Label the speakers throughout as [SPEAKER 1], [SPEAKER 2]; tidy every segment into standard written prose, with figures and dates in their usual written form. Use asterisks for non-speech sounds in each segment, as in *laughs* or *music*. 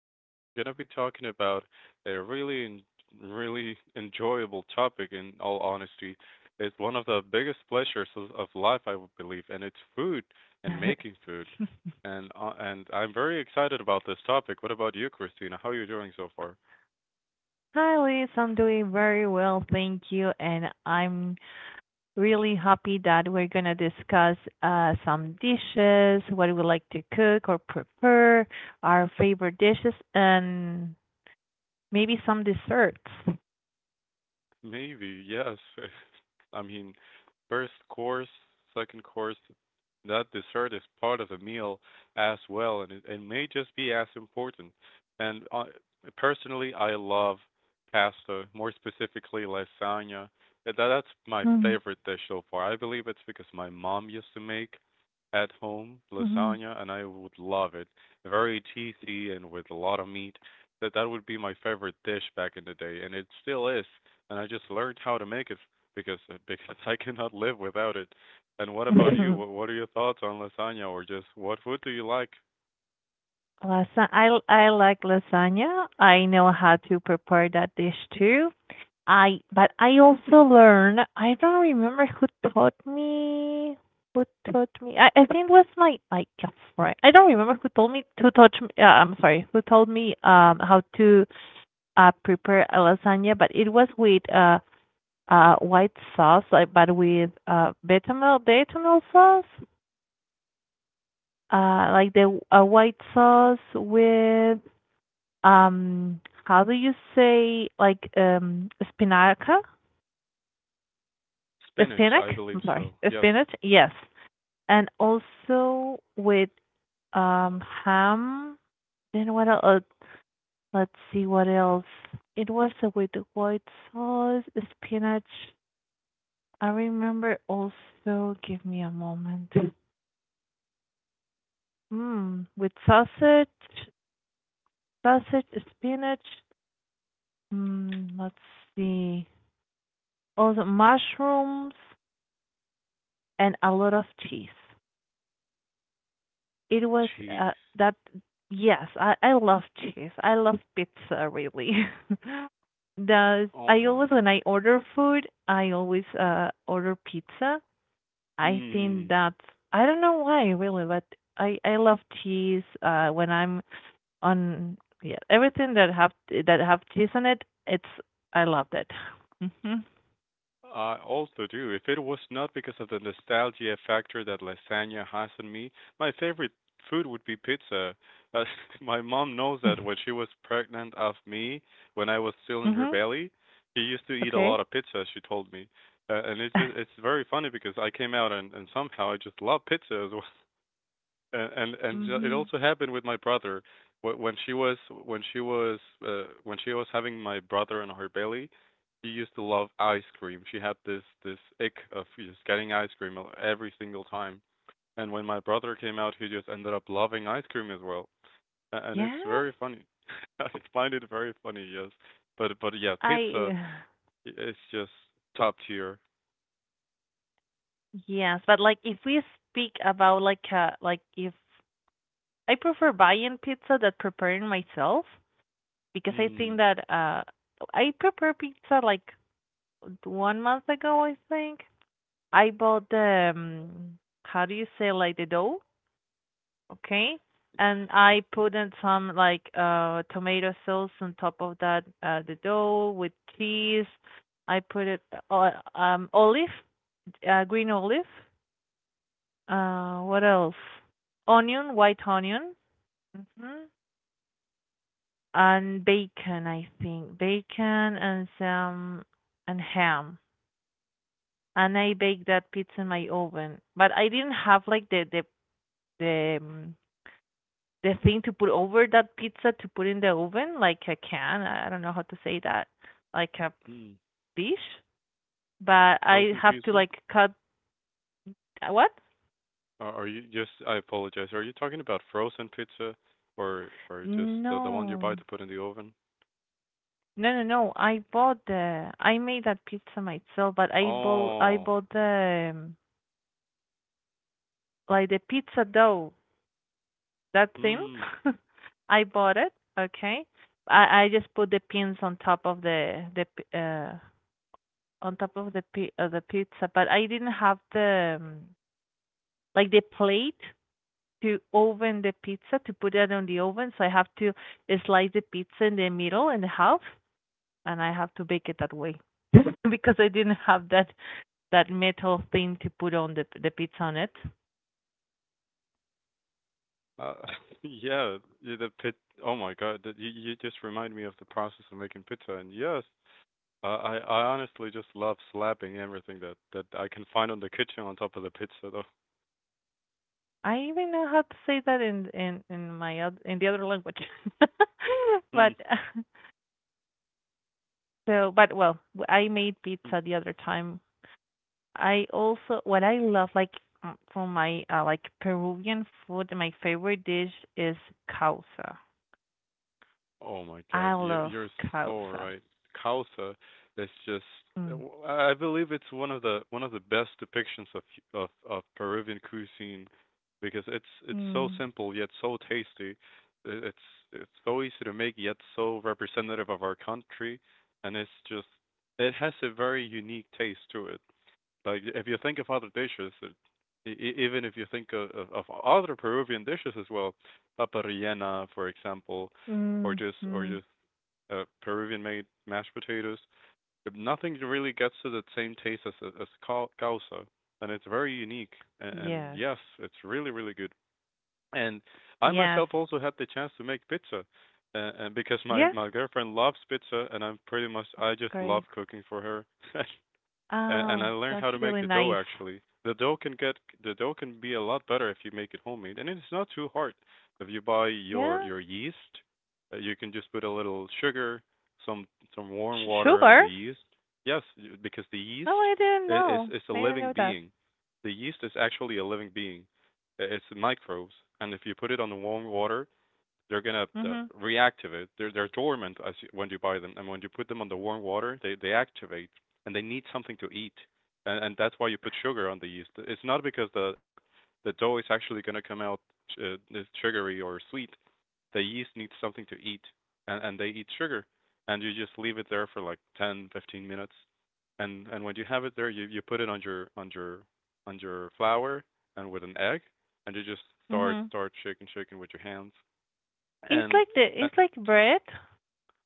[SPEAKER 1] podcast, we're going to be talking about a really enjoyable topic, in all honesty. It's one of the biggest pleasures of life, I would believe, and it's food and making
[SPEAKER 2] *laughs*
[SPEAKER 1] food. And I'm very excited about this topic. What about you, Christina? How are you doing so far?
[SPEAKER 2] Hi, Liz. I'm doing very well, thank you. And I'm really happy that we're going to discuss some dishes, what we like to cook or prepare, our favorite dishes, and maybe some desserts.
[SPEAKER 1] Maybe, yes. *laughs* I mean, first course, second course, that dessert is part of the meal as well, and it may just be as important. And personally, I love pasta, more specifically lasagna. That's my favorite dish so far. I believe it's because my mom used to make at home
[SPEAKER 2] Mm-hmm.
[SPEAKER 1] lasagna, and I would love it. Very cheesy and with a lot of meat. That would be my favorite dish back in the day, and it still is. And I just learned how to make it because *laughs* because I cannot live without it. And what about you? What
[SPEAKER 2] *laughs*
[SPEAKER 1] what are your thoughts on lasagna or just what food do you like?
[SPEAKER 2] I like lasagna. I know how to prepare that dish too. I but I also learned. I don't remember who taught me. Who taught me? I think it was my girlfriend. I don't remember who told me who taught me. I'm sorry, who told me how to prepare a lasagna? But it was with white sauce, like but with bechamel sauce, like the white sauce with how do you say like spinaca
[SPEAKER 1] Spinach,
[SPEAKER 2] spinach
[SPEAKER 1] I
[SPEAKER 2] i'm
[SPEAKER 1] believe
[SPEAKER 2] sorry
[SPEAKER 1] so. Yes.
[SPEAKER 2] spinach. Yes, and also with ham. Then what else? Let's see what else. It was with the white sauce, spinach. I remember also, give me a moment. With sausage, sausage, spinach. Let's see. Also mushrooms and a lot of cheese. It was
[SPEAKER 1] Cheese.
[SPEAKER 2] that. Yes, I love cheese. I love pizza really. *laughs* Does
[SPEAKER 1] Oh
[SPEAKER 2] I
[SPEAKER 1] my.
[SPEAKER 2] always when I order food, I always order pizza. I think
[SPEAKER 1] Mm.
[SPEAKER 2] that's, I don't know why really, but I love cheese. When I'm on, yeah, everything that have cheese on it, it's I love that. Mhm.
[SPEAKER 1] I also do. If it was not because of the nostalgia factor that lasagna has on me, my favorite food would be pizza. Uh, *laughs* my mom knows that when she was pregnant of me, when I was still in her
[SPEAKER 2] Mhm.
[SPEAKER 1] belly, she used to eat a
[SPEAKER 2] Okay.
[SPEAKER 1] lot of pizza, she told me. And it just it's
[SPEAKER 2] *laughs*
[SPEAKER 1] very funny because I came out and somehow I just love pizza as well, and so it
[SPEAKER 2] Mhm.
[SPEAKER 1] also happened with my brother. Wh- when she was when she was when she was having my brother in her belly, she used to love ice cream. She had this ick of just getting ice cream every single time. And when my brother came out, he just ended up loving ice cream as well. And it's
[SPEAKER 2] Yes.
[SPEAKER 1] very funny. *laughs* I find it very funny. Yes, but yeah, pizza
[SPEAKER 2] I.
[SPEAKER 1] i- is just top tier.
[SPEAKER 2] Yes, but like if we speak about like if I prefer buying pizza than preparing myself because I think
[SPEAKER 1] Mm.
[SPEAKER 2] that I prepare pizza like one month ago, I think. I bought the how do you say, like the dough, okay? And I put
[SPEAKER 1] *laughs*
[SPEAKER 2] in some like tomato sauce on top of that the dough with cheese. I put it olive, green olive. What else? Onion, white onion, hmm and bacon. I think bacon and some and ham. And I baked that pizza in my oven, but I didn't have like the um, the thing to put over that pizza to put in the oven, like a can. I don't know how to say that, like a
[SPEAKER 1] Hmm.
[SPEAKER 2] dish. But I
[SPEAKER 1] Frozen
[SPEAKER 2] have to
[SPEAKER 1] pizza.
[SPEAKER 2] like cut. What?
[SPEAKER 1] Are you just, I apologize, are you talking about frozen pizza or just the one you buy
[SPEAKER 2] No,
[SPEAKER 1] to put in the oven?
[SPEAKER 2] No, no, no. I bought the. I made that pizza myself, but I bought. I
[SPEAKER 1] Oh,
[SPEAKER 2] bought the like the pizza dough. That thing.
[SPEAKER 1] mm,
[SPEAKER 2] *laughs* I bought it. Okay. I just put the pins on top of the p- on top of the pi- of the pizza, but I didn't have the like the plate to oven the pizza to put it on the oven. So I have to slice the pizza in the middle and half, and I have to bake it that way *laughs* because I didn't have that metal thing to put on the pizza on it.
[SPEAKER 1] uh, *laughs* yeah, yeah, the pit. Oh my God, that- you just remind me of the process of making pizza. And yes, I honestly just love slapping everything that I can find on the kitchen on top of the pizza, though. *laughs*
[SPEAKER 2] I even know how to say that in my in the other language. *laughs*
[SPEAKER 1] Mm,
[SPEAKER 2] but so but well, I made
[SPEAKER 1] mm.
[SPEAKER 2] pizza the other time. I also what I love like, from my like Peruvian food, my favorite dish is causa.
[SPEAKER 1] Oh my God,
[SPEAKER 2] I love
[SPEAKER 1] you're so
[SPEAKER 2] causa.
[SPEAKER 1] right. Kautha is just,
[SPEAKER 2] Mm.
[SPEAKER 1] I believe it's one of the best depictions of Peruvian cuisine because it's so
[SPEAKER 2] Mm.
[SPEAKER 1] simple yet so tasty. I- It's it's so easy to make yet so representative of our country, and it's just, it has a very unique taste to it. Like if you think of other dishes, even if you think of other Peruvian dishes as well, papa rellena, for example, or
[SPEAKER 2] Mm.
[SPEAKER 1] just or
[SPEAKER 2] Mm.
[SPEAKER 1] just uh, Peruvian-made mashed potatoes, but nothing really gets to the same taste as as causa, and it's very unique. And
[SPEAKER 2] Yes.
[SPEAKER 1] yes, it's really really good. And I
[SPEAKER 2] Yes.
[SPEAKER 1] myself also had the chance to make pizza, and because my
[SPEAKER 2] Yes.
[SPEAKER 1] my girlfriend loves pizza, and I'm pretty much I just love
[SPEAKER 2] Great.
[SPEAKER 1] cooking for her. *laughs* And I
[SPEAKER 2] Oh,
[SPEAKER 1] learned
[SPEAKER 2] that's
[SPEAKER 1] how to make
[SPEAKER 2] really
[SPEAKER 1] the dough
[SPEAKER 2] nice.
[SPEAKER 1] actually. The dough can be a lot better if you make it homemade, and it's not too hard. If you buy
[SPEAKER 2] Yeah.
[SPEAKER 1] your yeast, you can just put a little sugar, some some warm water, and
[SPEAKER 2] Sugar?
[SPEAKER 1] the yeast. Yes, because the
[SPEAKER 2] Oh,
[SPEAKER 1] yeast
[SPEAKER 2] I didn't
[SPEAKER 1] i- is
[SPEAKER 2] know.
[SPEAKER 1] is a
[SPEAKER 2] I didn't
[SPEAKER 1] living
[SPEAKER 2] know that.
[SPEAKER 1] being. The yeast is actually a living being. It's microbes, and if you put it on the warm water, they're gonna
[SPEAKER 2] Mhm.
[SPEAKER 1] reactivate. They're dormant as you, when you buy them, and when you put them on the warm water, they activate, and they need something to eat, and that's why you put sugar on the yeast. It's not because the dough is actually gonna come out uh, sugary or sweet. The yeast needs something to eat, and they eat sugar, and you just leave it there for like 10 to 15 minutes, and when you have it there, you put it on your on your on your flour and with an egg, and you just start
[SPEAKER 2] Mhm.
[SPEAKER 1] start shaking with your hands
[SPEAKER 2] It's
[SPEAKER 1] and
[SPEAKER 2] like the
[SPEAKER 1] uh,
[SPEAKER 2] it's like bread.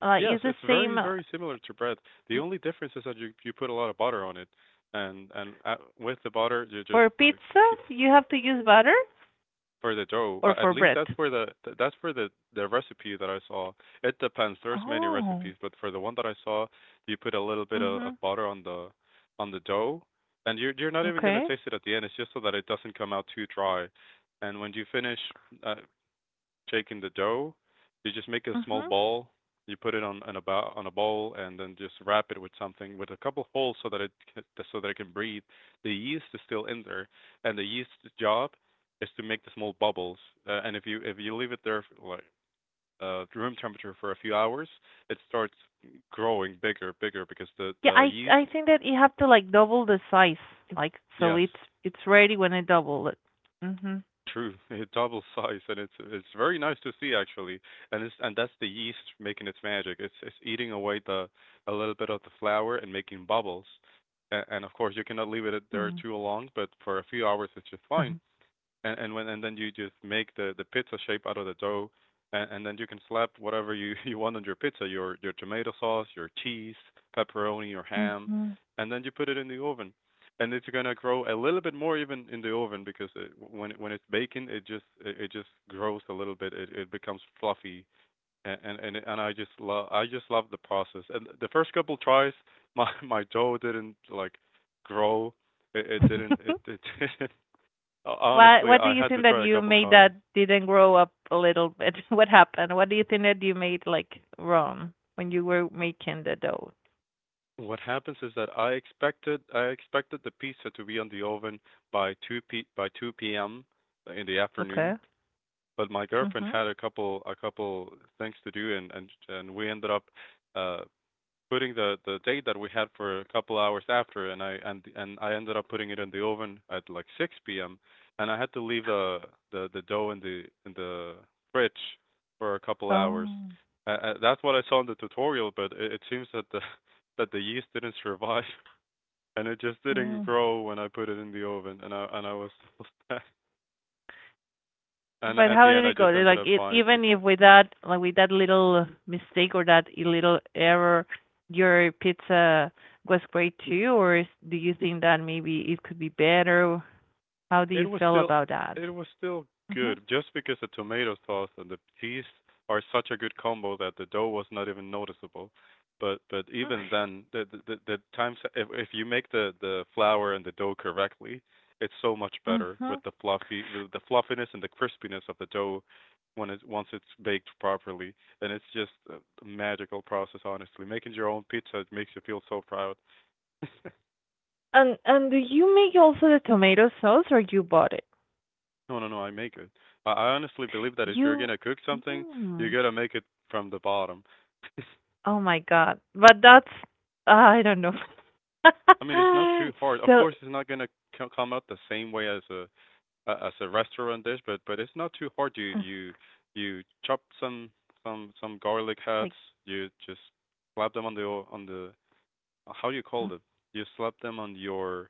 [SPEAKER 1] yes,
[SPEAKER 2] It's the
[SPEAKER 1] it's very,
[SPEAKER 2] same
[SPEAKER 1] very similar to bread. The only difference is that you put a lot of butter on it, and with the butter you just
[SPEAKER 2] for
[SPEAKER 1] uh,
[SPEAKER 2] pizza.
[SPEAKER 1] keep,
[SPEAKER 2] You have to use butter
[SPEAKER 1] for the dough.
[SPEAKER 2] or
[SPEAKER 1] At
[SPEAKER 2] for
[SPEAKER 1] least
[SPEAKER 2] bread.
[SPEAKER 1] that's where the the recipe that I saw. It depends. There's many
[SPEAKER 2] Oh.
[SPEAKER 1] recipes, but for the one that I saw, you put a little bit of
[SPEAKER 2] Mhm.
[SPEAKER 1] butter on the dough, and you're not even gonna
[SPEAKER 2] Okay.
[SPEAKER 1] taste it at the end. It's just so that it doesn't come out too dry. And when you finish, uh, shaking the dough, you just make a small
[SPEAKER 2] Mhm.
[SPEAKER 1] ball. You put it on a bowl and then just wrap it with something with a couple holes so that it can breathe. The yeast is still in there, and the yeast's job is to make the small bubbles. And if you leave it there like room temperature for a few hours, it starts growing bigger, bigger because the
[SPEAKER 2] Yeah,
[SPEAKER 1] the
[SPEAKER 2] I
[SPEAKER 1] yeast,
[SPEAKER 2] think that you have to like double the size, like so
[SPEAKER 1] yes.
[SPEAKER 2] it's ready when I double it. Mhm.
[SPEAKER 1] True, *laughs* it double size and it's very nice to see actually. And it's, and that's the yeast making its magic. It's eating away the a little bit of the flour and making bubbles. And of course you cannot leave it there
[SPEAKER 2] Mhm.
[SPEAKER 1] too long, but for a few hours it's just fine.
[SPEAKER 2] *laughs*
[SPEAKER 1] And then you just make the pizza shape out of the dough, and then you can slap whatever you *laughs* you want on your pizza, your tomato sauce, your cheese, pepperoni, or ham,
[SPEAKER 2] Mhm.
[SPEAKER 1] and then you put it in the oven, and it's gonna grow a little bit more even in the oven because it, when it's baking, it just it just grows a little bit, it becomes fluffy, and I just love the process. And the first couple tries, *laughs* my dough didn't like grow. It, it didn't it,
[SPEAKER 2] *laughs*
[SPEAKER 1] it *laughs* didn't,
[SPEAKER 2] What
[SPEAKER 1] honestly,
[SPEAKER 2] Do
[SPEAKER 1] I
[SPEAKER 2] you
[SPEAKER 1] had to
[SPEAKER 2] think that
[SPEAKER 1] try a
[SPEAKER 2] you
[SPEAKER 1] couple
[SPEAKER 2] made
[SPEAKER 1] times.
[SPEAKER 2] that didn't grow up a little bit? *laughs* What happened? What do you think that you made like wrong when you were making the dough?
[SPEAKER 1] What happens is that I expected the pizza to be on the oven by 2 p.m. in the afternoon,
[SPEAKER 2] Okay.
[SPEAKER 1] but my girlfriend
[SPEAKER 2] Mhm.
[SPEAKER 1] had a couple things to do and we ended up uh putting the date that we had for a couple hours after, and I ended up putting it in the oven at like 6 p.m., and I had to leave the dough in the fridge for a couple hours.
[SPEAKER 2] Oh.
[SPEAKER 1] That's what I saw in the tutorial, but it seems that the *laughs* that the yeast didn't survive, *laughs* and it just didn't
[SPEAKER 2] Mm.
[SPEAKER 1] grow when I put it in the oven, and I was *laughs* and
[SPEAKER 2] But
[SPEAKER 1] at
[SPEAKER 2] how
[SPEAKER 1] the
[SPEAKER 2] did
[SPEAKER 1] end
[SPEAKER 2] it
[SPEAKER 1] I
[SPEAKER 2] go?
[SPEAKER 1] just
[SPEAKER 2] Did,
[SPEAKER 1] ended
[SPEAKER 2] like
[SPEAKER 1] up
[SPEAKER 2] it,
[SPEAKER 1] buying
[SPEAKER 2] even if
[SPEAKER 1] pizza.
[SPEAKER 2] with that like with that little mistake or that little error, your pizza was great too, or is, do you think that maybe it could be better? How do you
[SPEAKER 1] It was
[SPEAKER 2] feel
[SPEAKER 1] still
[SPEAKER 2] about that?
[SPEAKER 1] it was still
[SPEAKER 2] Mhm.
[SPEAKER 1] good just because the tomato sauce and the cheese are such a good combo that the dough was not even noticeable. But even then the times if you make the flour and the dough correctly, it's so much better with
[SPEAKER 2] Mhm.
[SPEAKER 1] the fluffy with the fluffiness and the crispiness of the dough when it once it's baked properly, and it's just a magical process, honestly. Making your own pizza it makes you feel so proud. *laughs*
[SPEAKER 2] And do you make also the tomato sauce or you bought it?
[SPEAKER 1] No, no, no, I make it. I honestly believe that if you're
[SPEAKER 2] You
[SPEAKER 1] gonna cook something, you
[SPEAKER 2] mm.
[SPEAKER 1] gotta make it from the bottom.
[SPEAKER 2] Oh my God. But that's, I don't know.
[SPEAKER 1] *laughs* I
[SPEAKER 2] *laughs*
[SPEAKER 1] mean, it's not too hard. Of
[SPEAKER 2] So
[SPEAKER 1] course, it's not gonna come out the same way as as a restaurant dish, but it's not too hard. You you chop some garlic heads.
[SPEAKER 2] like
[SPEAKER 1] You just slap them on the, how do you call it? You slap them on your,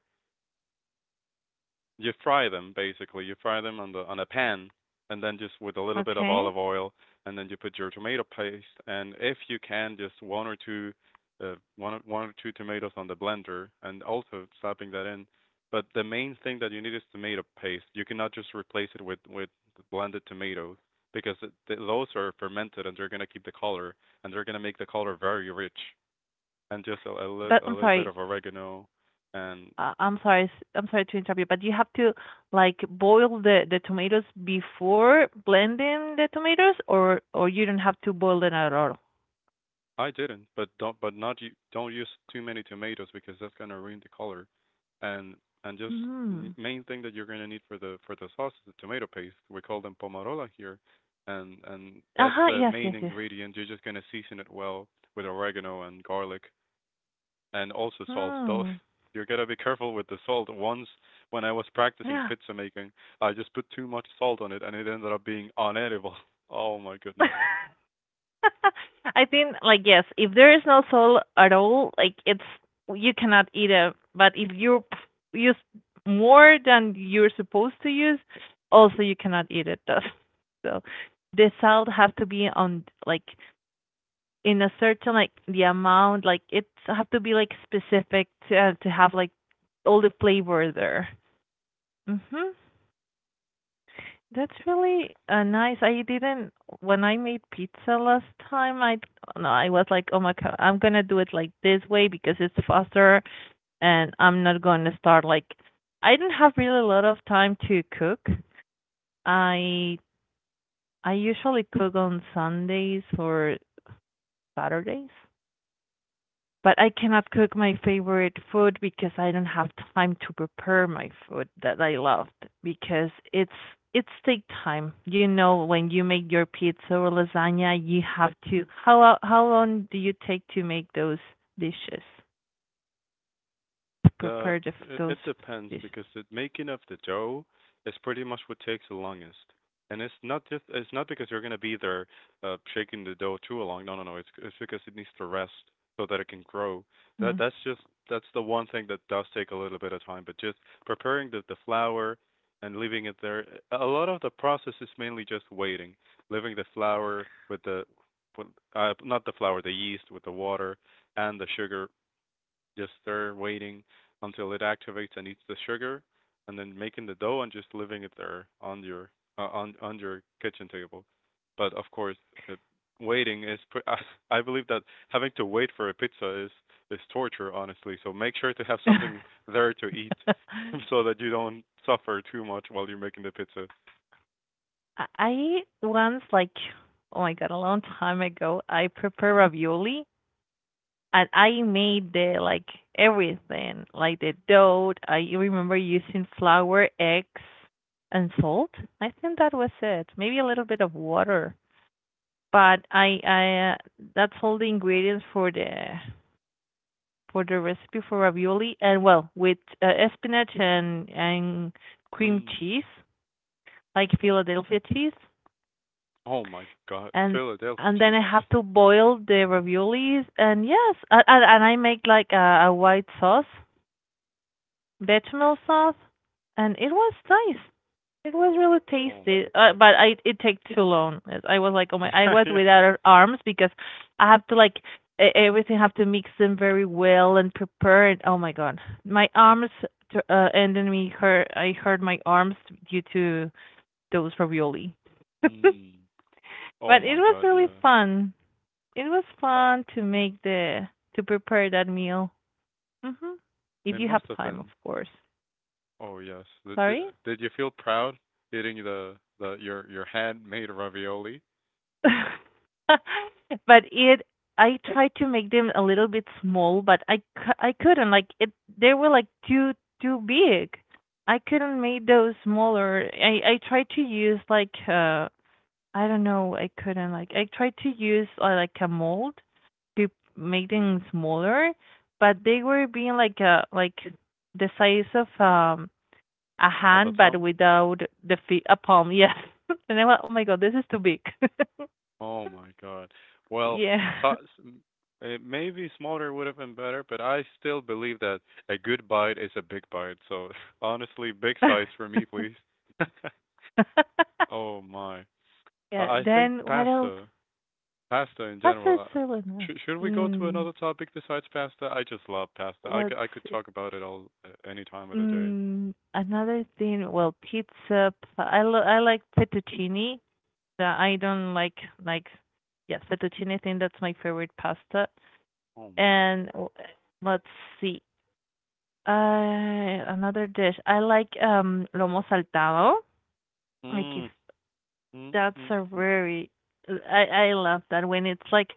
[SPEAKER 1] you fry them basically. You fry them on the on a pan, and then just with a little bit of
[SPEAKER 2] okay.
[SPEAKER 1] olive oil, and then you put your tomato paste, and if you can, just one or two, one or two tomatoes on the blender, and also slapping that in. But the main thing that you need is tomato paste. You cannot just replace it with blended tomatoes because it, those are fermented, and they're going to keep the color, and they're going to make the color very rich. And just
[SPEAKER 2] But
[SPEAKER 1] a
[SPEAKER 2] I'm
[SPEAKER 1] little bit
[SPEAKER 2] sorry.
[SPEAKER 1] of oregano. And
[SPEAKER 2] I'm sorry. I'm sorry to interrupt you, but you have to like boil the tomatoes before blending the tomatoes or you don't have to boil them at all.
[SPEAKER 1] I didn't, but don't but not You don't use too many tomatoes because that's gonna ruin the color. And and just
[SPEAKER 2] Mm.
[SPEAKER 1] Main thing that you're gonna need for the sauce is the tomato paste. We call them pomarola here, and that's
[SPEAKER 2] Uh-huh.
[SPEAKER 1] the
[SPEAKER 2] Yes,
[SPEAKER 1] main
[SPEAKER 2] yes, yes.
[SPEAKER 1] ingredient. You're just gonna season it well with oregano and garlic, and also salt. Though
[SPEAKER 2] Mm.
[SPEAKER 1] *laughs* you are going to be careful with the salt. Once when I was practicing
[SPEAKER 2] Yeah.
[SPEAKER 1] pizza making, I just put too much salt on it, and it ended up being unedible. *laughs* Oh my goodness.
[SPEAKER 2] *laughs* *laughs* I think like yes, if there is no salt at all, like it's you cannot eat it. But if you use more than you're supposed to use, also you cannot eat it. Thus, *laughs* so the salt have to be on like in a certain like the amount. Like it have to be like specific to have like all the flavor there. Mhm. That's really nice. I didn't when I made pizza last time. I no, I was like, oh my god, I'm gonna do it like this way because it's faster, and I'm not gonna start like. I didn't have really a lot of time to cook. I I usually cook on Sundays or Saturdays, but I cannot cook my favorite food because I don't have time to prepare my food that I loved because it's take time. You know, when you make your pizza or lasagna, you have to how long do you take to make those dishes? To
[SPEAKER 1] The
[SPEAKER 2] prepare the, those
[SPEAKER 1] it depends
[SPEAKER 2] dishes.
[SPEAKER 1] because the making of the dough is pretty much what takes the longest. And it's not because you're gonna be there shaking the dough too long. No, no, no. It's because it needs to rest so that it can grow. That
[SPEAKER 2] Mm.
[SPEAKER 1] that's just that's the one thing that does take a little bit of time, but just preparing the flour and leaving it there. A lot of the process is mainly just waiting, leaving the flour with the with, not the flour, the yeast with the water and the sugar, just there waiting until it activates and eats the sugar, and then making the dough and just leaving it there on your on your kitchen table. But of course, uh, waiting is pre- *laughs* I, I believe that having to wait for a pizza is torture, honestly. So make sure to have something
[SPEAKER 2] *laughs*
[SPEAKER 1] there to eat, *laughs* so that you don't suffer too much while you're making the pizza.
[SPEAKER 2] I once like oh my god, a long time ago, I prepared ravioli and I made the like everything, like the dough. I remember using flour, eggs, and salt. I think that was it. Maybe a little bit of water, but I that's all the ingredients for the recipe for ravioli. And well, with spinach and cream
[SPEAKER 1] Mm.
[SPEAKER 2] cheese, like Philadelphia cheese,
[SPEAKER 1] Oh my God,
[SPEAKER 2] and
[SPEAKER 1] Philadelphia
[SPEAKER 2] and then
[SPEAKER 1] cheese.
[SPEAKER 2] I have to boil the raviolis. And yes, and I make like a white sauce, bechamel sauce, and it was nice. It was really
[SPEAKER 1] Oh, oh
[SPEAKER 2] tasty,
[SPEAKER 1] my God.
[SPEAKER 2] but
[SPEAKER 1] *laughs*
[SPEAKER 2] I it took too long. I was like, oh my! I
[SPEAKER 1] Yeah,
[SPEAKER 2] was
[SPEAKER 1] yeah.
[SPEAKER 2] without arms because I have to like everything have to mix them very well and prepare it. Oh my god, my arms t- uh, and then we hurt. I hurt my arms due to those ravioli. *laughs* but it
[SPEAKER 1] Mm. Oh my
[SPEAKER 2] was
[SPEAKER 1] God,
[SPEAKER 2] really
[SPEAKER 1] yeah.
[SPEAKER 2] fun. It was
[SPEAKER 1] Uh,
[SPEAKER 2] fun to make the to prepare that meal. Hmm.
[SPEAKER 1] It
[SPEAKER 2] If you
[SPEAKER 1] must
[SPEAKER 2] have
[SPEAKER 1] have
[SPEAKER 2] time, of
[SPEAKER 1] been.
[SPEAKER 2] course.
[SPEAKER 1] Oh yes.
[SPEAKER 2] Sorry.
[SPEAKER 1] Did you feel proud eating the your handmade ravioli.
[SPEAKER 2] *laughs* but it I tried to make them a little bit small, but I I couldn't like it. They were like too big. I couldn't make those smaller. I tried to use like I don't know. I couldn't like I tried to use like a mold to make
[SPEAKER 1] Mm.
[SPEAKER 2] them smaller, but they were being like a like the size of a
[SPEAKER 1] Of a
[SPEAKER 2] hand, but
[SPEAKER 1] thumb?
[SPEAKER 2] without the feet a palm. Yes, *laughs* and I went, oh my god, this is too big. *laughs*
[SPEAKER 1] Oh my God. Well, so,
[SPEAKER 2] Yeah.
[SPEAKER 1] it maybe smaller would have been better, but I still believe that a good bite is a big bite. So *laughs* honestly, big size for me,
[SPEAKER 2] *laughs*
[SPEAKER 1] please. *laughs* Oh my.
[SPEAKER 2] Yeah,
[SPEAKER 1] I think
[SPEAKER 2] then what else?
[SPEAKER 1] pasta Pasta in general.
[SPEAKER 2] Besides Switzerland.
[SPEAKER 1] Should we go to
[SPEAKER 2] Mm,
[SPEAKER 1] another topic besides pasta? I just love pasta.
[SPEAKER 2] let's
[SPEAKER 1] I could
[SPEAKER 2] see.
[SPEAKER 1] talk about it all any time of the day.
[SPEAKER 2] Another thing, well, pizza. I like fettuccine. I don't like yes, fettuccine. I think that's my favorite pasta.
[SPEAKER 1] Oh my.
[SPEAKER 2] And let's see. Another dish. I like lomo saltado. Like if
[SPEAKER 1] Mm, mm,
[SPEAKER 2] that's
[SPEAKER 1] mm,
[SPEAKER 2] a
[SPEAKER 1] mm.
[SPEAKER 2] very I love that when it's like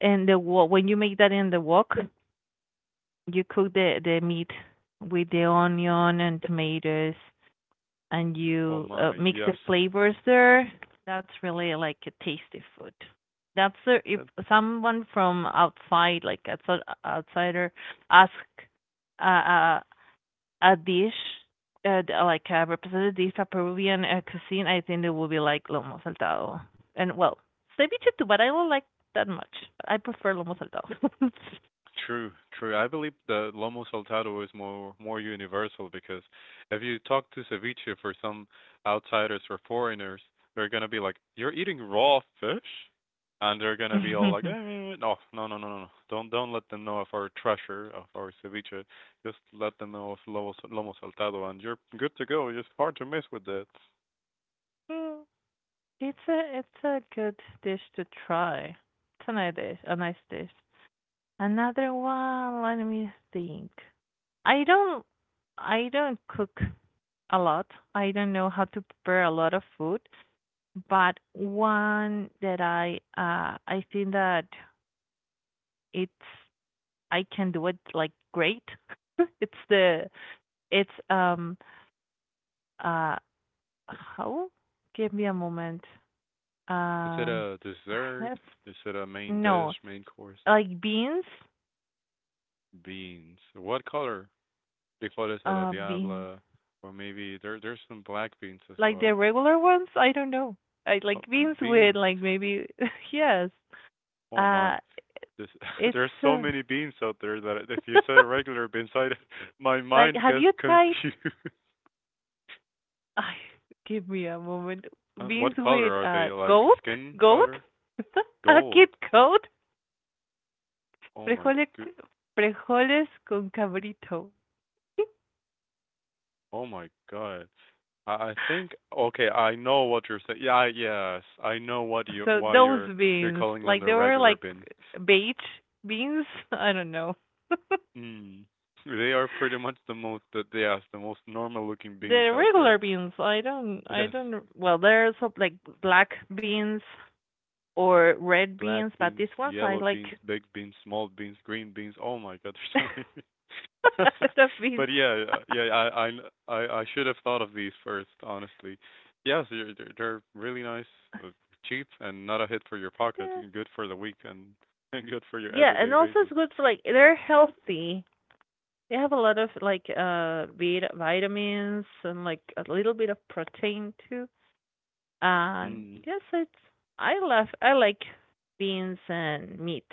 [SPEAKER 2] in the when you make that in the wok, you cook the meat with the onion and tomatoes, and
[SPEAKER 1] Oh
[SPEAKER 2] you
[SPEAKER 1] my,
[SPEAKER 2] mix
[SPEAKER 1] yes.
[SPEAKER 2] the flavors there. That's really like a tasty food. That's the, if someone from outside, like outsider, ask uh, uh a dish like a representative dish of Peruvian cuisine, I think it would be like lomo saltado. And well, ceviche too, but I don't like that much. I prefer lomo saltado.
[SPEAKER 1] True, true. I believe the lomo saltado is more universal because if you talk to ceviche for some outsiders or foreigners, they're gonna be like, "You're eating raw fish," and they're gonna be all like,
[SPEAKER 2] *laughs*
[SPEAKER 1] eh, "No, no, no, no, no, no. Don't let them know of our treasure of our ceviche. Just let them know of lomo saltado, and you're good to go. It's hard to mess with that."
[SPEAKER 2] Mm, it's a good dish to try. It's a nice dish. A nice dish. Another one. Let me think. I don't I don't cook a lot. I don't know how to prepare a lot of food, but one that I think that it's I can do it like great. *laughs* it's the it's uh how? Give me a moment.
[SPEAKER 1] Is it
[SPEAKER 2] Um,
[SPEAKER 1] a
[SPEAKER 2] I
[SPEAKER 1] dessert?
[SPEAKER 2] have
[SPEAKER 1] Is it a main dish,
[SPEAKER 2] no
[SPEAKER 1] main course?
[SPEAKER 2] like beans,
[SPEAKER 1] Beans. What color? Frijoles a la
[SPEAKER 2] beans
[SPEAKER 1] diabla, or maybe there's some black beans as
[SPEAKER 2] like the
[SPEAKER 1] well.
[SPEAKER 2] regular ones. I don't know. I like
[SPEAKER 1] Oh,
[SPEAKER 2] beans with
[SPEAKER 1] beans.
[SPEAKER 2] like maybe *laughs* yes.
[SPEAKER 1] Oh my.
[SPEAKER 2] Uh
[SPEAKER 1] This, *laughs*
[SPEAKER 2] it's
[SPEAKER 1] there's so
[SPEAKER 2] uh,
[SPEAKER 1] many beans out there that if you said a
[SPEAKER 2] *laughs*
[SPEAKER 1] regular bean, side, *laughs* my
[SPEAKER 2] Like,
[SPEAKER 1] mind
[SPEAKER 2] have
[SPEAKER 1] gets
[SPEAKER 2] you tried?
[SPEAKER 1] confused. *laughs*
[SPEAKER 2] Ah, give me a moment. Beans
[SPEAKER 1] What color
[SPEAKER 2] with
[SPEAKER 1] are they? Like skin
[SPEAKER 2] goat,
[SPEAKER 1] color?
[SPEAKER 2] *laughs* a kid
[SPEAKER 1] Gold.
[SPEAKER 2] goat,
[SPEAKER 1] Oh my
[SPEAKER 2] frijoles,
[SPEAKER 1] good.
[SPEAKER 2] frijoles con cabrito. *laughs*
[SPEAKER 1] Oh my god. I think okay. I know what you're saying. Yeah. Yes. I know what you
[SPEAKER 2] So
[SPEAKER 1] why
[SPEAKER 2] those
[SPEAKER 1] You're
[SPEAKER 2] beans,
[SPEAKER 1] calling them
[SPEAKER 2] like they
[SPEAKER 1] the
[SPEAKER 2] were
[SPEAKER 1] regular
[SPEAKER 2] like
[SPEAKER 1] beans.
[SPEAKER 2] beige beans. I don't know. *laughs*
[SPEAKER 1] Mm. They are pretty much the most, yes, the most normal-looking beans
[SPEAKER 2] the
[SPEAKER 1] out there.
[SPEAKER 2] regular beans, I
[SPEAKER 1] Yes,
[SPEAKER 2] don't. Well, there's some like black beans or red
[SPEAKER 1] black
[SPEAKER 2] beans, but
[SPEAKER 1] beans,
[SPEAKER 2] these ones I
[SPEAKER 1] yellow
[SPEAKER 2] like
[SPEAKER 1] beans, big beans, small beans, green beans. Oh my God, *laughs* there's
[SPEAKER 2] *laughs* a
[SPEAKER 1] so many beans.
[SPEAKER 2] lot of
[SPEAKER 1] *laughs*
[SPEAKER 2] beans.
[SPEAKER 1] But
[SPEAKER 2] *laughs*
[SPEAKER 1] yeah, yeah, I should have thought of these first, honestly. Yes, they're really nice, uh, cheap, and not a hit for your pocket.
[SPEAKER 2] The
[SPEAKER 1] And good for the week, and *laughs* and good for your
[SPEAKER 2] yeah,
[SPEAKER 1] everyday
[SPEAKER 2] and also it's
[SPEAKER 1] basis.
[SPEAKER 2] good for like they're healthy. They have a lot of like vitamins and like a little bit of protein too. And
[SPEAKER 1] Mm.
[SPEAKER 2] yes, it's I love I like beans and meat.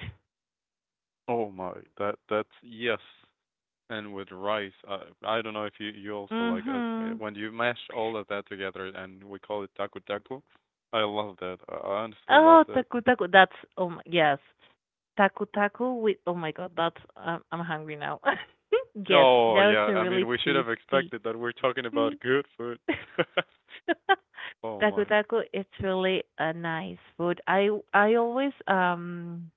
[SPEAKER 1] Oh my, that that's yes. And with rice. I don't know if you also like
[SPEAKER 2] Mhm.
[SPEAKER 1] when you mash all of that together, and we call it taku taku. I love that. I honestly love
[SPEAKER 2] Oh,
[SPEAKER 1] that.
[SPEAKER 2] taku taku. That's oh my, yes, taku taku with oh my god. That's I'm hungry now. *laughs* Yes,
[SPEAKER 1] Oh
[SPEAKER 2] that was
[SPEAKER 1] yeah,
[SPEAKER 2] a
[SPEAKER 1] I mean
[SPEAKER 2] really
[SPEAKER 1] we should have
[SPEAKER 2] tasty.
[SPEAKER 1] expected that we're talking about
[SPEAKER 2] Mm.
[SPEAKER 1] good food.
[SPEAKER 2] *laughs*
[SPEAKER 1] *laughs*
[SPEAKER 2] *laughs*
[SPEAKER 1] Oh
[SPEAKER 2] Taku
[SPEAKER 1] my,
[SPEAKER 2] taku, it's really a nice food. I always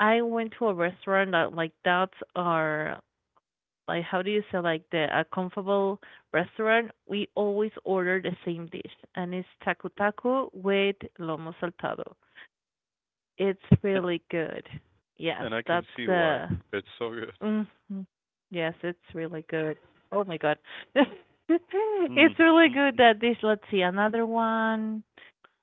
[SPEAKER 2] I went to a restaurant that, like, that's our, like, how do you say, like, the a comfortable restaurant. We always order the same dish, and it's taku taku with lomo saltado. It's really good. Yes,
[SPEAKER 1] and I can
[SPEAKER 2] that's
[SPEAKER 1] see why.
[SPEAKER 2] the.
[SPEAKER 1] It's so good.
[SPEAKER 2] Hmm. Yes, it's really good. Oh my God. *laughs*
[SPEAKER 1] Mm.
[SPEAKER 2] It's really good
[SPEAKER 1] Mm-mm.
[SPEAKER 2] that dish. Let's see, another one.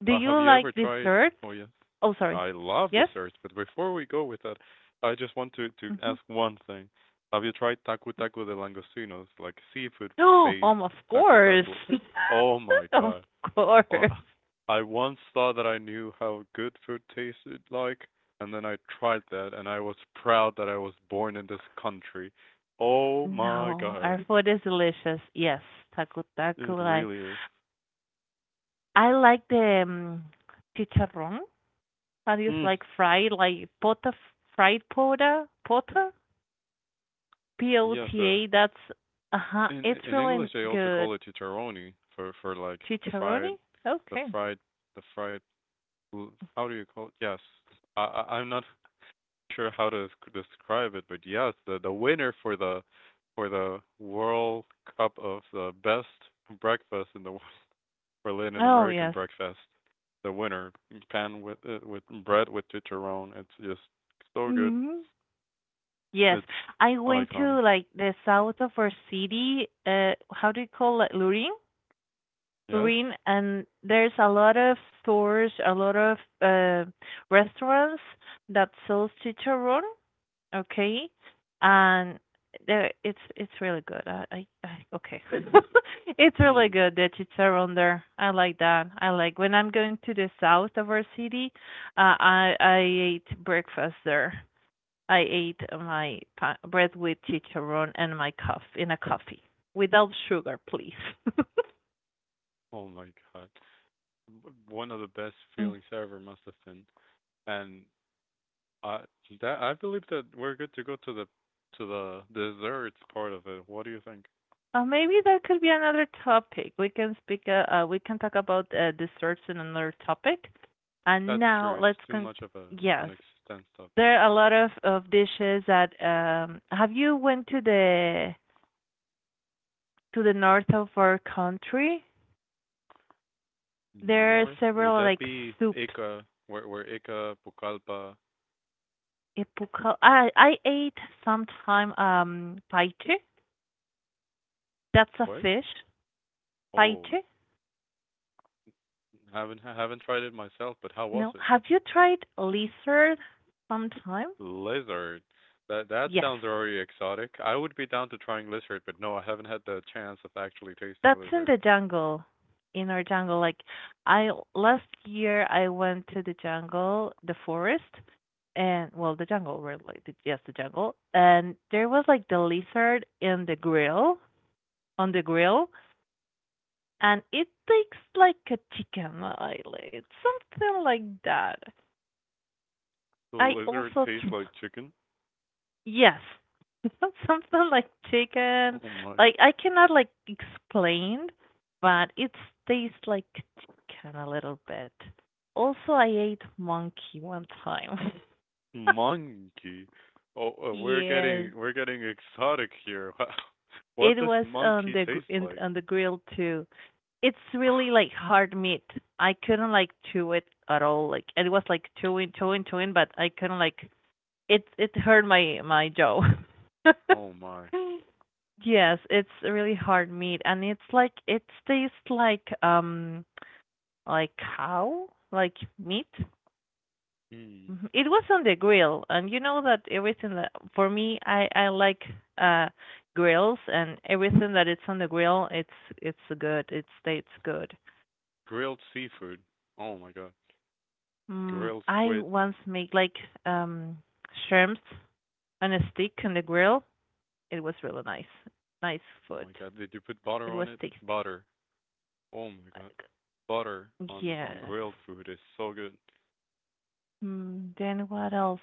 [SPEAKER 2] Do you
[SPEAKER 1] Have you
[SPEAKER 2] like
[SPEAKER 1] ever tried?
[SPEAKER 2] desserts?
[SPEAKER 1] Oh yes,
[SPEAKER 2] Oh, sorry.
[SPEAKER 1] I love
[SPEAKER 2] Yes?
[SPEAKER 1] desserts. But before we go with that, I just want to
[SPEAKER 2] Mm-hmm.
[SPEAKER 1] ask one thing. Have you tried taco taco de langostinos, like seafood
[SPEAKER 2] No,
[SPEAKER 1] based
[SPEAKER 2] of
[SPEAKER 1] taco
[SPEAKER 2] course.
[SPEAKER 1] taco? Oh
[SPEAKER 2] *laughs*
[SPEAKER 1] my
[SPEAKER 2] Of
[SPEAKER 1] God! Oh,
[SPEAKER 2] course.
[SPEAKER 1] I once thought that I knew how good food tasted like, and then I tried that, and I was proud that I was born in this country. Oh my
[SPEAKER 2] No, our
[SPEAKER 1] God!
[SPEAKER 2] food is delicious. Yes, taco taco.
[SPEAKER 1] It
[SPEAKER 2] Like,
[SPEAKER 1] really is.
[SPEAKER 2] I like the chicharrón. How do you
[SPEAKER 1] Mm.
[SPEAKER 2] like fried like pota fried pota p o
[SPEAKER 1] Yes,
[SPEAKER 2] t a. That's uh huh.
[SPEAKER 1] In
[SPEAKER 2] It's
[SPEAKER 1] in
[SPEAKER 2] really
[SPEAKER 1] English, they also
[SPEAKER 2] good
[SPEAKER 1] call it chicharroni for like
[SPEAKER 2] chicharroni.
[SPEAKER 1] fried, the
[SPEAKER 2] Okay.
[SPEAKER 1] fried, the fried. How do you call it? Yes, I'm not sure how to desc- describe it, but yes, the winner for the World Cup of the best breakfast in the world, for Latin
[SPEAKER 2] Oh
[SPEAKER 1] American
[SPEAKER 2] yes.
[SPEAKER 1] breakfast, the winner pan with bread with chicharron. It's just so good.
[SPEAKER 2] Hmm. Yes,
[SPEAKER 1] It's
[SPEAKER 2] I went
[SPEAKER 1] iconic.
[SPEAKER 2] to like the south of our city. How do you call it? Lurin,
[SPEAKER 1] Yes.
[SPEAKER 2] Lurin, and there's a lot of stores, a lot of restaurants that sells chicharrón. Okay, and there it's really good. I, okay, *laughs* it's really
[SPEAKER 1] Mm.
[SPEAKER 2] good the chicharrón there. I like that. I like when I'm going to the south of our city. I ate breakfast there. I ate my bread with chicharron and my cuff in a coffee without sugar, please. *laughs*
[SPEAKER 1] Oh my god. One of the best
[SPEAKER 2] Mm.
[SPEAKER 1] feelings ever must have been. And I that I believe that we're good to go to the desserts part of it. What do you think?
[SPEAKER 2] Maybe that could be another topic. We can speak. We can talk about desserts in another topic. And
[SPEAKER 1] That's
[SPEAKER 2] now
[SPEAKER 1] true. It's
[SPEAKER 2] let's
[SPEAKER 1] too
[SPEAKER 2] con.
[SPEAKER 1] much of a an
[SPEAKER 2] Yes,
[SPEAKER 1] extense topic.
[SPEAKER 2] there are a lot of dishes that. Have you went to the north of our country? There are
[SPEAKER 1] North
[SPEAKER 2] several
[SPEAKER 1] would that
[SPEAKER 2] like
[SPEAKER 1] be
[SPEAKER 2] soups.
[SPEAKER 1] Ica? Where Ica Pucallpa?
[SPEAKER 2] I ate sometime paiche. That's a
[SPEAKER 1] What?
[SPEAKER 2] fish.
[SPEAKER 1] Oh,
[SPEAKER 2] Ceviche?
[SPEAKER 1] haven't tried it myself, but how was
[SPEAKER 2] No.
[SPEAKER 1] it?
[SPEAKER 2] Have you tried lizard sometime?
[SPEAKER 1] Lizard. That that
[SPEAKER 2] Yes.
[SPEAKER 1] sounds very exotic. I would be down to trying lizard, but no, I haven't had the chance of actually tasting
[SPEAKER 2] That's in
[SPEAKER 1] lizard.
[SPEAKER 2] the jungle. In our jungle, like, I last year I went to the jungle, the forest, and well, the jungle, where like the, yes, the jungle, and there was like the lizard in the grill on the grill, and it tastes like a chicken. Something like that.
[SPEAKER 1] The
[SPEAKER 2] I
[SPEAKER 1] lizard
[SPEAKER 2] also
[SPEAKER 1] tastes like chicken.
[SPEAKER 2] yes. *laughs* Something like chicken.
[SPEAKER 1] Oh my
[SPEAKER 2] Like, I cannot like explain, but it tastes like chicken a little bit. Also, I ate monkey one time. *laughs*
[SPEAKER 1] monkey! Oh,
[SPEAKER 2] Yes,
[SPEAKER 1] we're getting exotic here. *laughs* What
[SPEAKER 2] it
[SPEAKER 1] does
[SPEAKER 2] was on
[SPEAKER 1] monkey
[SPEAKER 2] the
[SPEAKER 1] taste like?
[SPEAKER 2] on the grill too. It's really
[SPEAKER 1] *sighs*
[SPEAKER 2] like hard meat. I couldn't like chew it at all. Like, it was like chewing, chewing, chewing, but I couldn't like it hurt my my jaw. *laughs*
[SPEAKER 1] *laughs* Oh my.
[SPEAKER 2] Yes, it's a really hard meat, and it's like it tastes like cow like meat.
[SPEAKER 1] Mm.
[SPEAKER 2] Mhm. It was on the grill, and you know that everything that for me I like uh grills and everything that it's on the grill it's good it tastes good.
[SPEAKER 1] Grilled seafood. Oh my god.
[SPEAKER 2] Mm,
[SPEAKER 1] Grilled
[SPEAKER 2] I
[SPEAKER 1] squid.
[SPEAKER 2] once made like um shrimps on a stick on the grill. It was really nice, nice
[SPEAKER 1] Oh
[SPEAKER 2] food.
[SPEAKER 1] my god. Did you put butter
[SPEAKER 2] It was
[SPEAKER 1] on it?
[SPEAKER 2] tasty.
[SPEAKER 1] Butter. Oh my god. Butter on
[SPEAKER 2] Yes.
[SPEAKER 1] grilled food is so good.
[SPEAKER 2] Mm, then what else?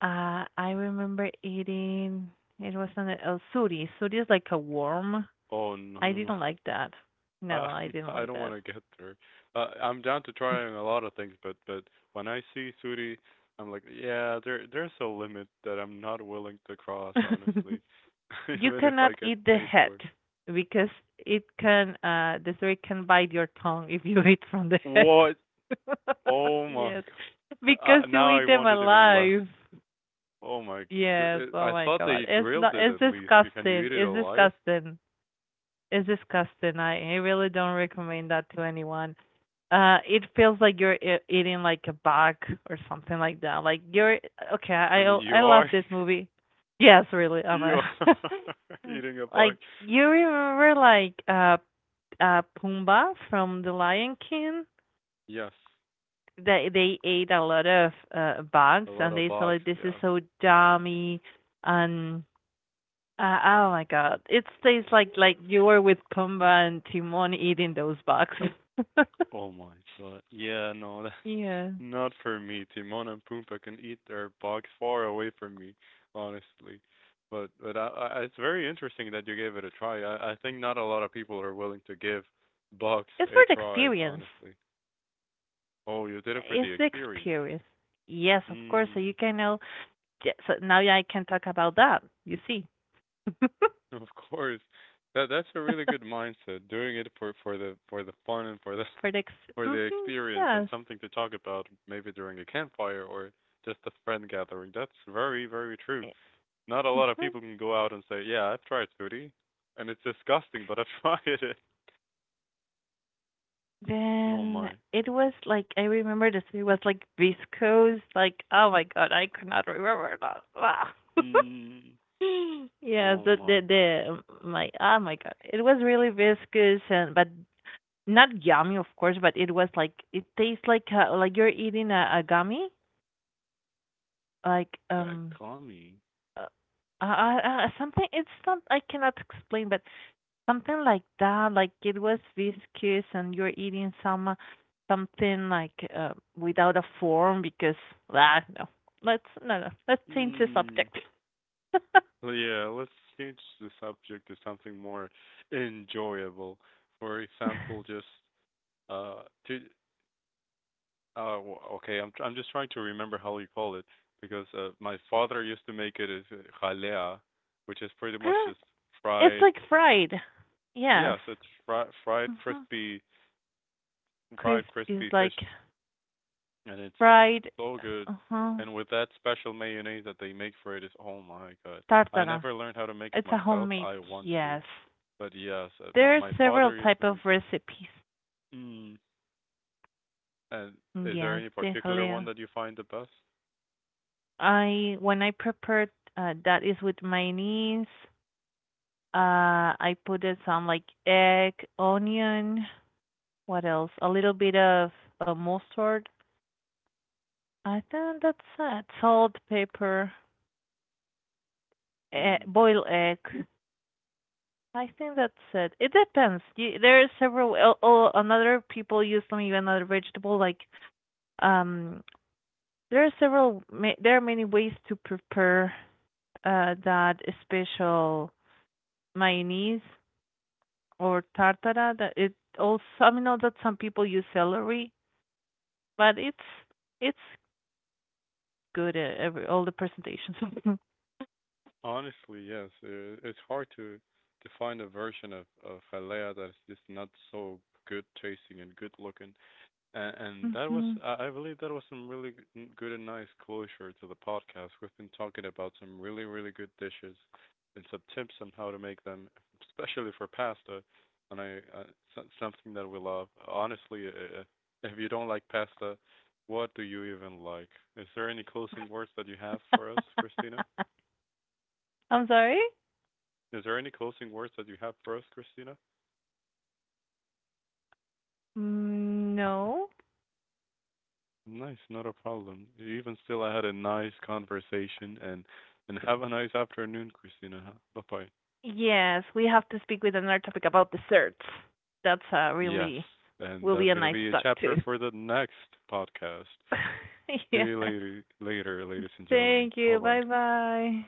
[SPEAKER 2] I remember eating. It was on a oh, suri. Suri is like a worm.
[SPEAKER 1] Oh no
[SPEAKER 2] I
[SPEAKER 1] no no.
[SPEAKER 2] didn't like that. No,
[SPEAKER 1] Uh,
[SPEAKER 2] I
[SPEAKER 1] *laughs*
[SPEAKER 2] didn't
[SPEAKER 1] I
[SPEAKER 2] like
[SPEAKER 1] don't want to get through. I'm down to trying a lot of things, but when I see Suri, I'm like, yeah, there there's a limit that I'm not willing to cross,
[SPEAKER 2] that. *laughs*
[SPEAKER 1] honestly, *laughs*
[SPEAKER 2] You
[SPEAKER 1] even if I
[SPEAKER 2] cannot
[SPEAKER 1] get
[SPEAKER 2] eat the
[SPEAKER 1] paid
[SPEAKER 2] head
[SPEAKER 1] for it.
[SPEAKER 2] because it can the suri can bite your tongue if you eat from the head.
[SPEAKER 1] What? Oh
[SPEAKER 2] *laughs*
[SPEAKER 1] my
[SPEAKER 2] Yes,
[SPEAKER 1] god!
[SPEAKER 2] because you
[SPEAKER 1] Now I
[SPEAKER 2] eat them
[SPEAKER 1] want it even less.
[SPEAKER 2] alive.
[SPEAKER 1] Oh my
[SPEAKER 2] Yes,
[SPEAKER 1] good! I
[SPEAKER 2] oh my
[SPEAKER 1] thought
[SPEAKER 2] God.
[SPEAKER 1] they
[SPEAKER 2] It's
[SPEAKER 1] grilled
[SPEAKER 2] not
[SPEAKER 1] it
[SPEAKER 2] it's
[SPEAKER 1] at least. Can you
[SPEAKER 2] disgusting.
[SPEAKER 1] eat it
[SPEAKER 2] It's
[SPEAKER 1] alive?
[SPEAKER 2] disgusting. It's disgusting. I, really don't recommend that to anyone. It feels like you're e eating like a bug or something like that. Like, you're okay,
[SPEAKER 1] I mean, you
[SPEAKER 2] I love
[SPEAKER 1] are
[SPEAKER 2] this movie. Yes, really.
[SPEAKER 1] *laughs*
[SPEAKER 2] I'm a
[SPEAKER 1] you
[SPEAKER 2] *laughs*
[SPEAKER 1] are *laughs* eating a bug.
[SPEAKER 2] like, you remember like Pumbaa from The Lion King?
[SPEAKER 1] Yes,
[SPEAKER 2] They ate a lot of bugs
[SPEAKER 1] a lot
[SPEAKER 2] and
[SPEAKER 1] of
[SPEAKER 2] they said
[SPEAKER 1] bugs.
[SPEAKER 2] like this is
[SPEAKER 1] Yes.
[SPEAKER 2] so dummy and oh my god. It tastes like you were with Pumbaa and Timon eating those boxes. *laughs*
[SPEAKER 1] Oh my god. Yeah, no, that
[SPEAKER 2] Yeah.
[SPEAKER 1] not for me. Timon and Pumbaa can eat their bugs far away from me, honestly. But I, it's very interesting that you gave it a try. I think not a lot of people are willing to give bugs
[SPEAKER 2] It's
[SPEAKER 1] a
[SPEAKER 2] for the
[SPEAKER 1] try,
[SPEAKER 2] experience.
[SPEAKER 1] honestly. Oh, you did it for
[SPEAKER 2] It's
[SPEAKER 1] the
[SPEAKER 2] the
[SPEAKER 1] experience.
[SPEAKER 2] experience. Yes, of course. So you
[SPEAKER 1] Mm,
[SPEAKER 2] can know. Yeah, so now I can talk about that. You see. *laughs*
[SPEAKER 1] *laughs* of course. That that's a really good mindset. Doing it for for the fun and for the
[SPEAKER 2] For the
[SPEAKER 1] *laughs* for
[SPEAKER 2] hmm
[SPEAKER 1] the experience, and
[SPEAKER 2] yes.
[SPEAKER 1] something to talk about maybe during a campfire or just a friend gathering. That's very very true. Not a lot of
[SPEAKER 2] Hmm.
[SPEAKER 1] people can go out and say, "Yeah, I've tried foodie, and it's disgusting, but I've *laughs* tried it." Oh
[SPEAKER 2] Then
[SPEAKER 1] my.
[SPEAKER 2] it was like I remember this. It was like viscose. Like, oh my god, I cannot remember that. Wow. *laughs*
[SPEAKER 1] Mm.
[SPEAKER 2] Yes,
[SPEAKER 1] Oh
[SPEAKER 2] the
[SPEAKER 1] my.
[SPEAKER 2] the the my oh my god, it was really viscous and but not yummy of course, but it was like it tastes like you're eating a gummy, like
[SPEAKER 1] That commie.
[SPEAKER 2] uh, something. It's not I cannot explain, but something like that. Like, it was viscous and you're eating some something like without a form because ah no, let's no no let's change the
[SPEAKER 1] Mm.
[SPEAKER 2] subject.
[SPEAKER 1] Well, yeah, let's change the subject to something more enjoyable. For example, just uh, to okay, I'm just trying to remember how you call it because my father used to make it as jalea, which is pretty much
[SPEAKER 2] *laughs*
[SPEAKER 1] just
[SPEAKER 2] It's
[SPEAKER 1] fried.
[SPEAKER 2] like fried. Yes.
[SPEAKER 1] Yeah, so it's fried
[SPEAKER 2] Hmm.
[SPEAKER 1] crispy
[SPEAKER 2] Crisp is
[SPEAKER 1] fish,
[SPEAKER 2] like
[SPEAKER 1] and it's
[SPEAKER 2] fried.
[SPEAKER 1] so good.
[SPEAKER 2] Uh-huh.
[SPEAKER 1] And with that special mayonnaise that they make for it is oh my god. I
[SPEAKER 2] Tartara.
[SPEAKER 1] never learned how to make it
[SPEAKER 2] It's a
[SPEAKER 1] myself.
[SPEAKER 2] homemade.
[SPEAKER 1] I want to,
[SPEAKER 2] Yes.
[SPEAKER 1] but yes, my
[SPEAKER 2] There are several
[SPEAKER 1] father used to
[SPEAKER 2] type
[SPEAKER 1] make
[SPEAKER 2] of
[SPEAKER 1] it.
[SPEAKER 2] recipes.
[SPEAKER 1] Mm. And is there
[SPEAKER 2] Yes,
[SPEAKER 1] any
[SPEAKER 2] de
[SPEAKER 1] particular
[SPEAKER 2] jalea.
[SPEAKER 1] one that you find the best?
[SPEAKER 2] I when I prepared that is with mayonnaise. I put it some like egg, onion. What else? A little bit of mustard. I think that's it. Salt, pepper,
[SPEAKER 1] Mm.
[SPEAKER 2] boiled egg. I think that's it. It depends. You, there are several. Oh, another people use some even another vegetable. Like um, there are several. There are many ways to prepare that special mayonnaise or tartara. That it also. I mean, know that some people use celery, but it's good at every all the presentations.
[SPEAKER 1] Honestly, yes. It's hard to find a version of halea that's just not so good tasting and good looking. And that
[SPEAKER 2] *laughs*
[SPEAKER 1] was,
[SPEAKER 2] Hmm.
[SPEAKER 1] I believe, that was some really good and nice closure to the podcast. We've been talking about some really, really good dishes and some tips on how to make them, especially for pasta. And I, something that we love. Honestly, if you don't like pasta, what do you even like? Is there any closing words that you have for us, Christina?
[SPEAKER 2] *laughs* I'm sorry.
[SPEAKER 1] Is there any closing words that you have for us, Christina?
[SPEAKER 2] Mm, no.
[SPEAKER 1] Nice, not a problem. Even still, I had a nice conversation, and have a nice afternoon, Christina. Bye bye.
[SPEAKER 2] Yes, we have to speak with another topic about desserts. That's
[SPEAKER 1] Yes,
[SPEAKER 2] really
[SPEAKER 1] and
[SPEAKER 2] will be
[SPEAKER 1] that's
[SPEAKER 2] a
[SPEAKER 1] gonna
[SPEAKER 2] nice
[SPEAKER 1] be a
[SPEAKER 2] talk
[SPEAKER 1] chapter
[SPEAKER 2] too.
[SPEAKER 1] for the next podcast.
[SPEAKER 2] *laughs*
[SPEAKER 1] See
[SPEAKER 2] Yes.
[SPEAKER 1] you later, later, ladies and gentlemen.
[SPEAKER 2] Thank
[SPEAKER 1] Bye
[SPEAKER 2] you.
[SPEAKER 1] bye.
[SPEAKER 2] Bye bye.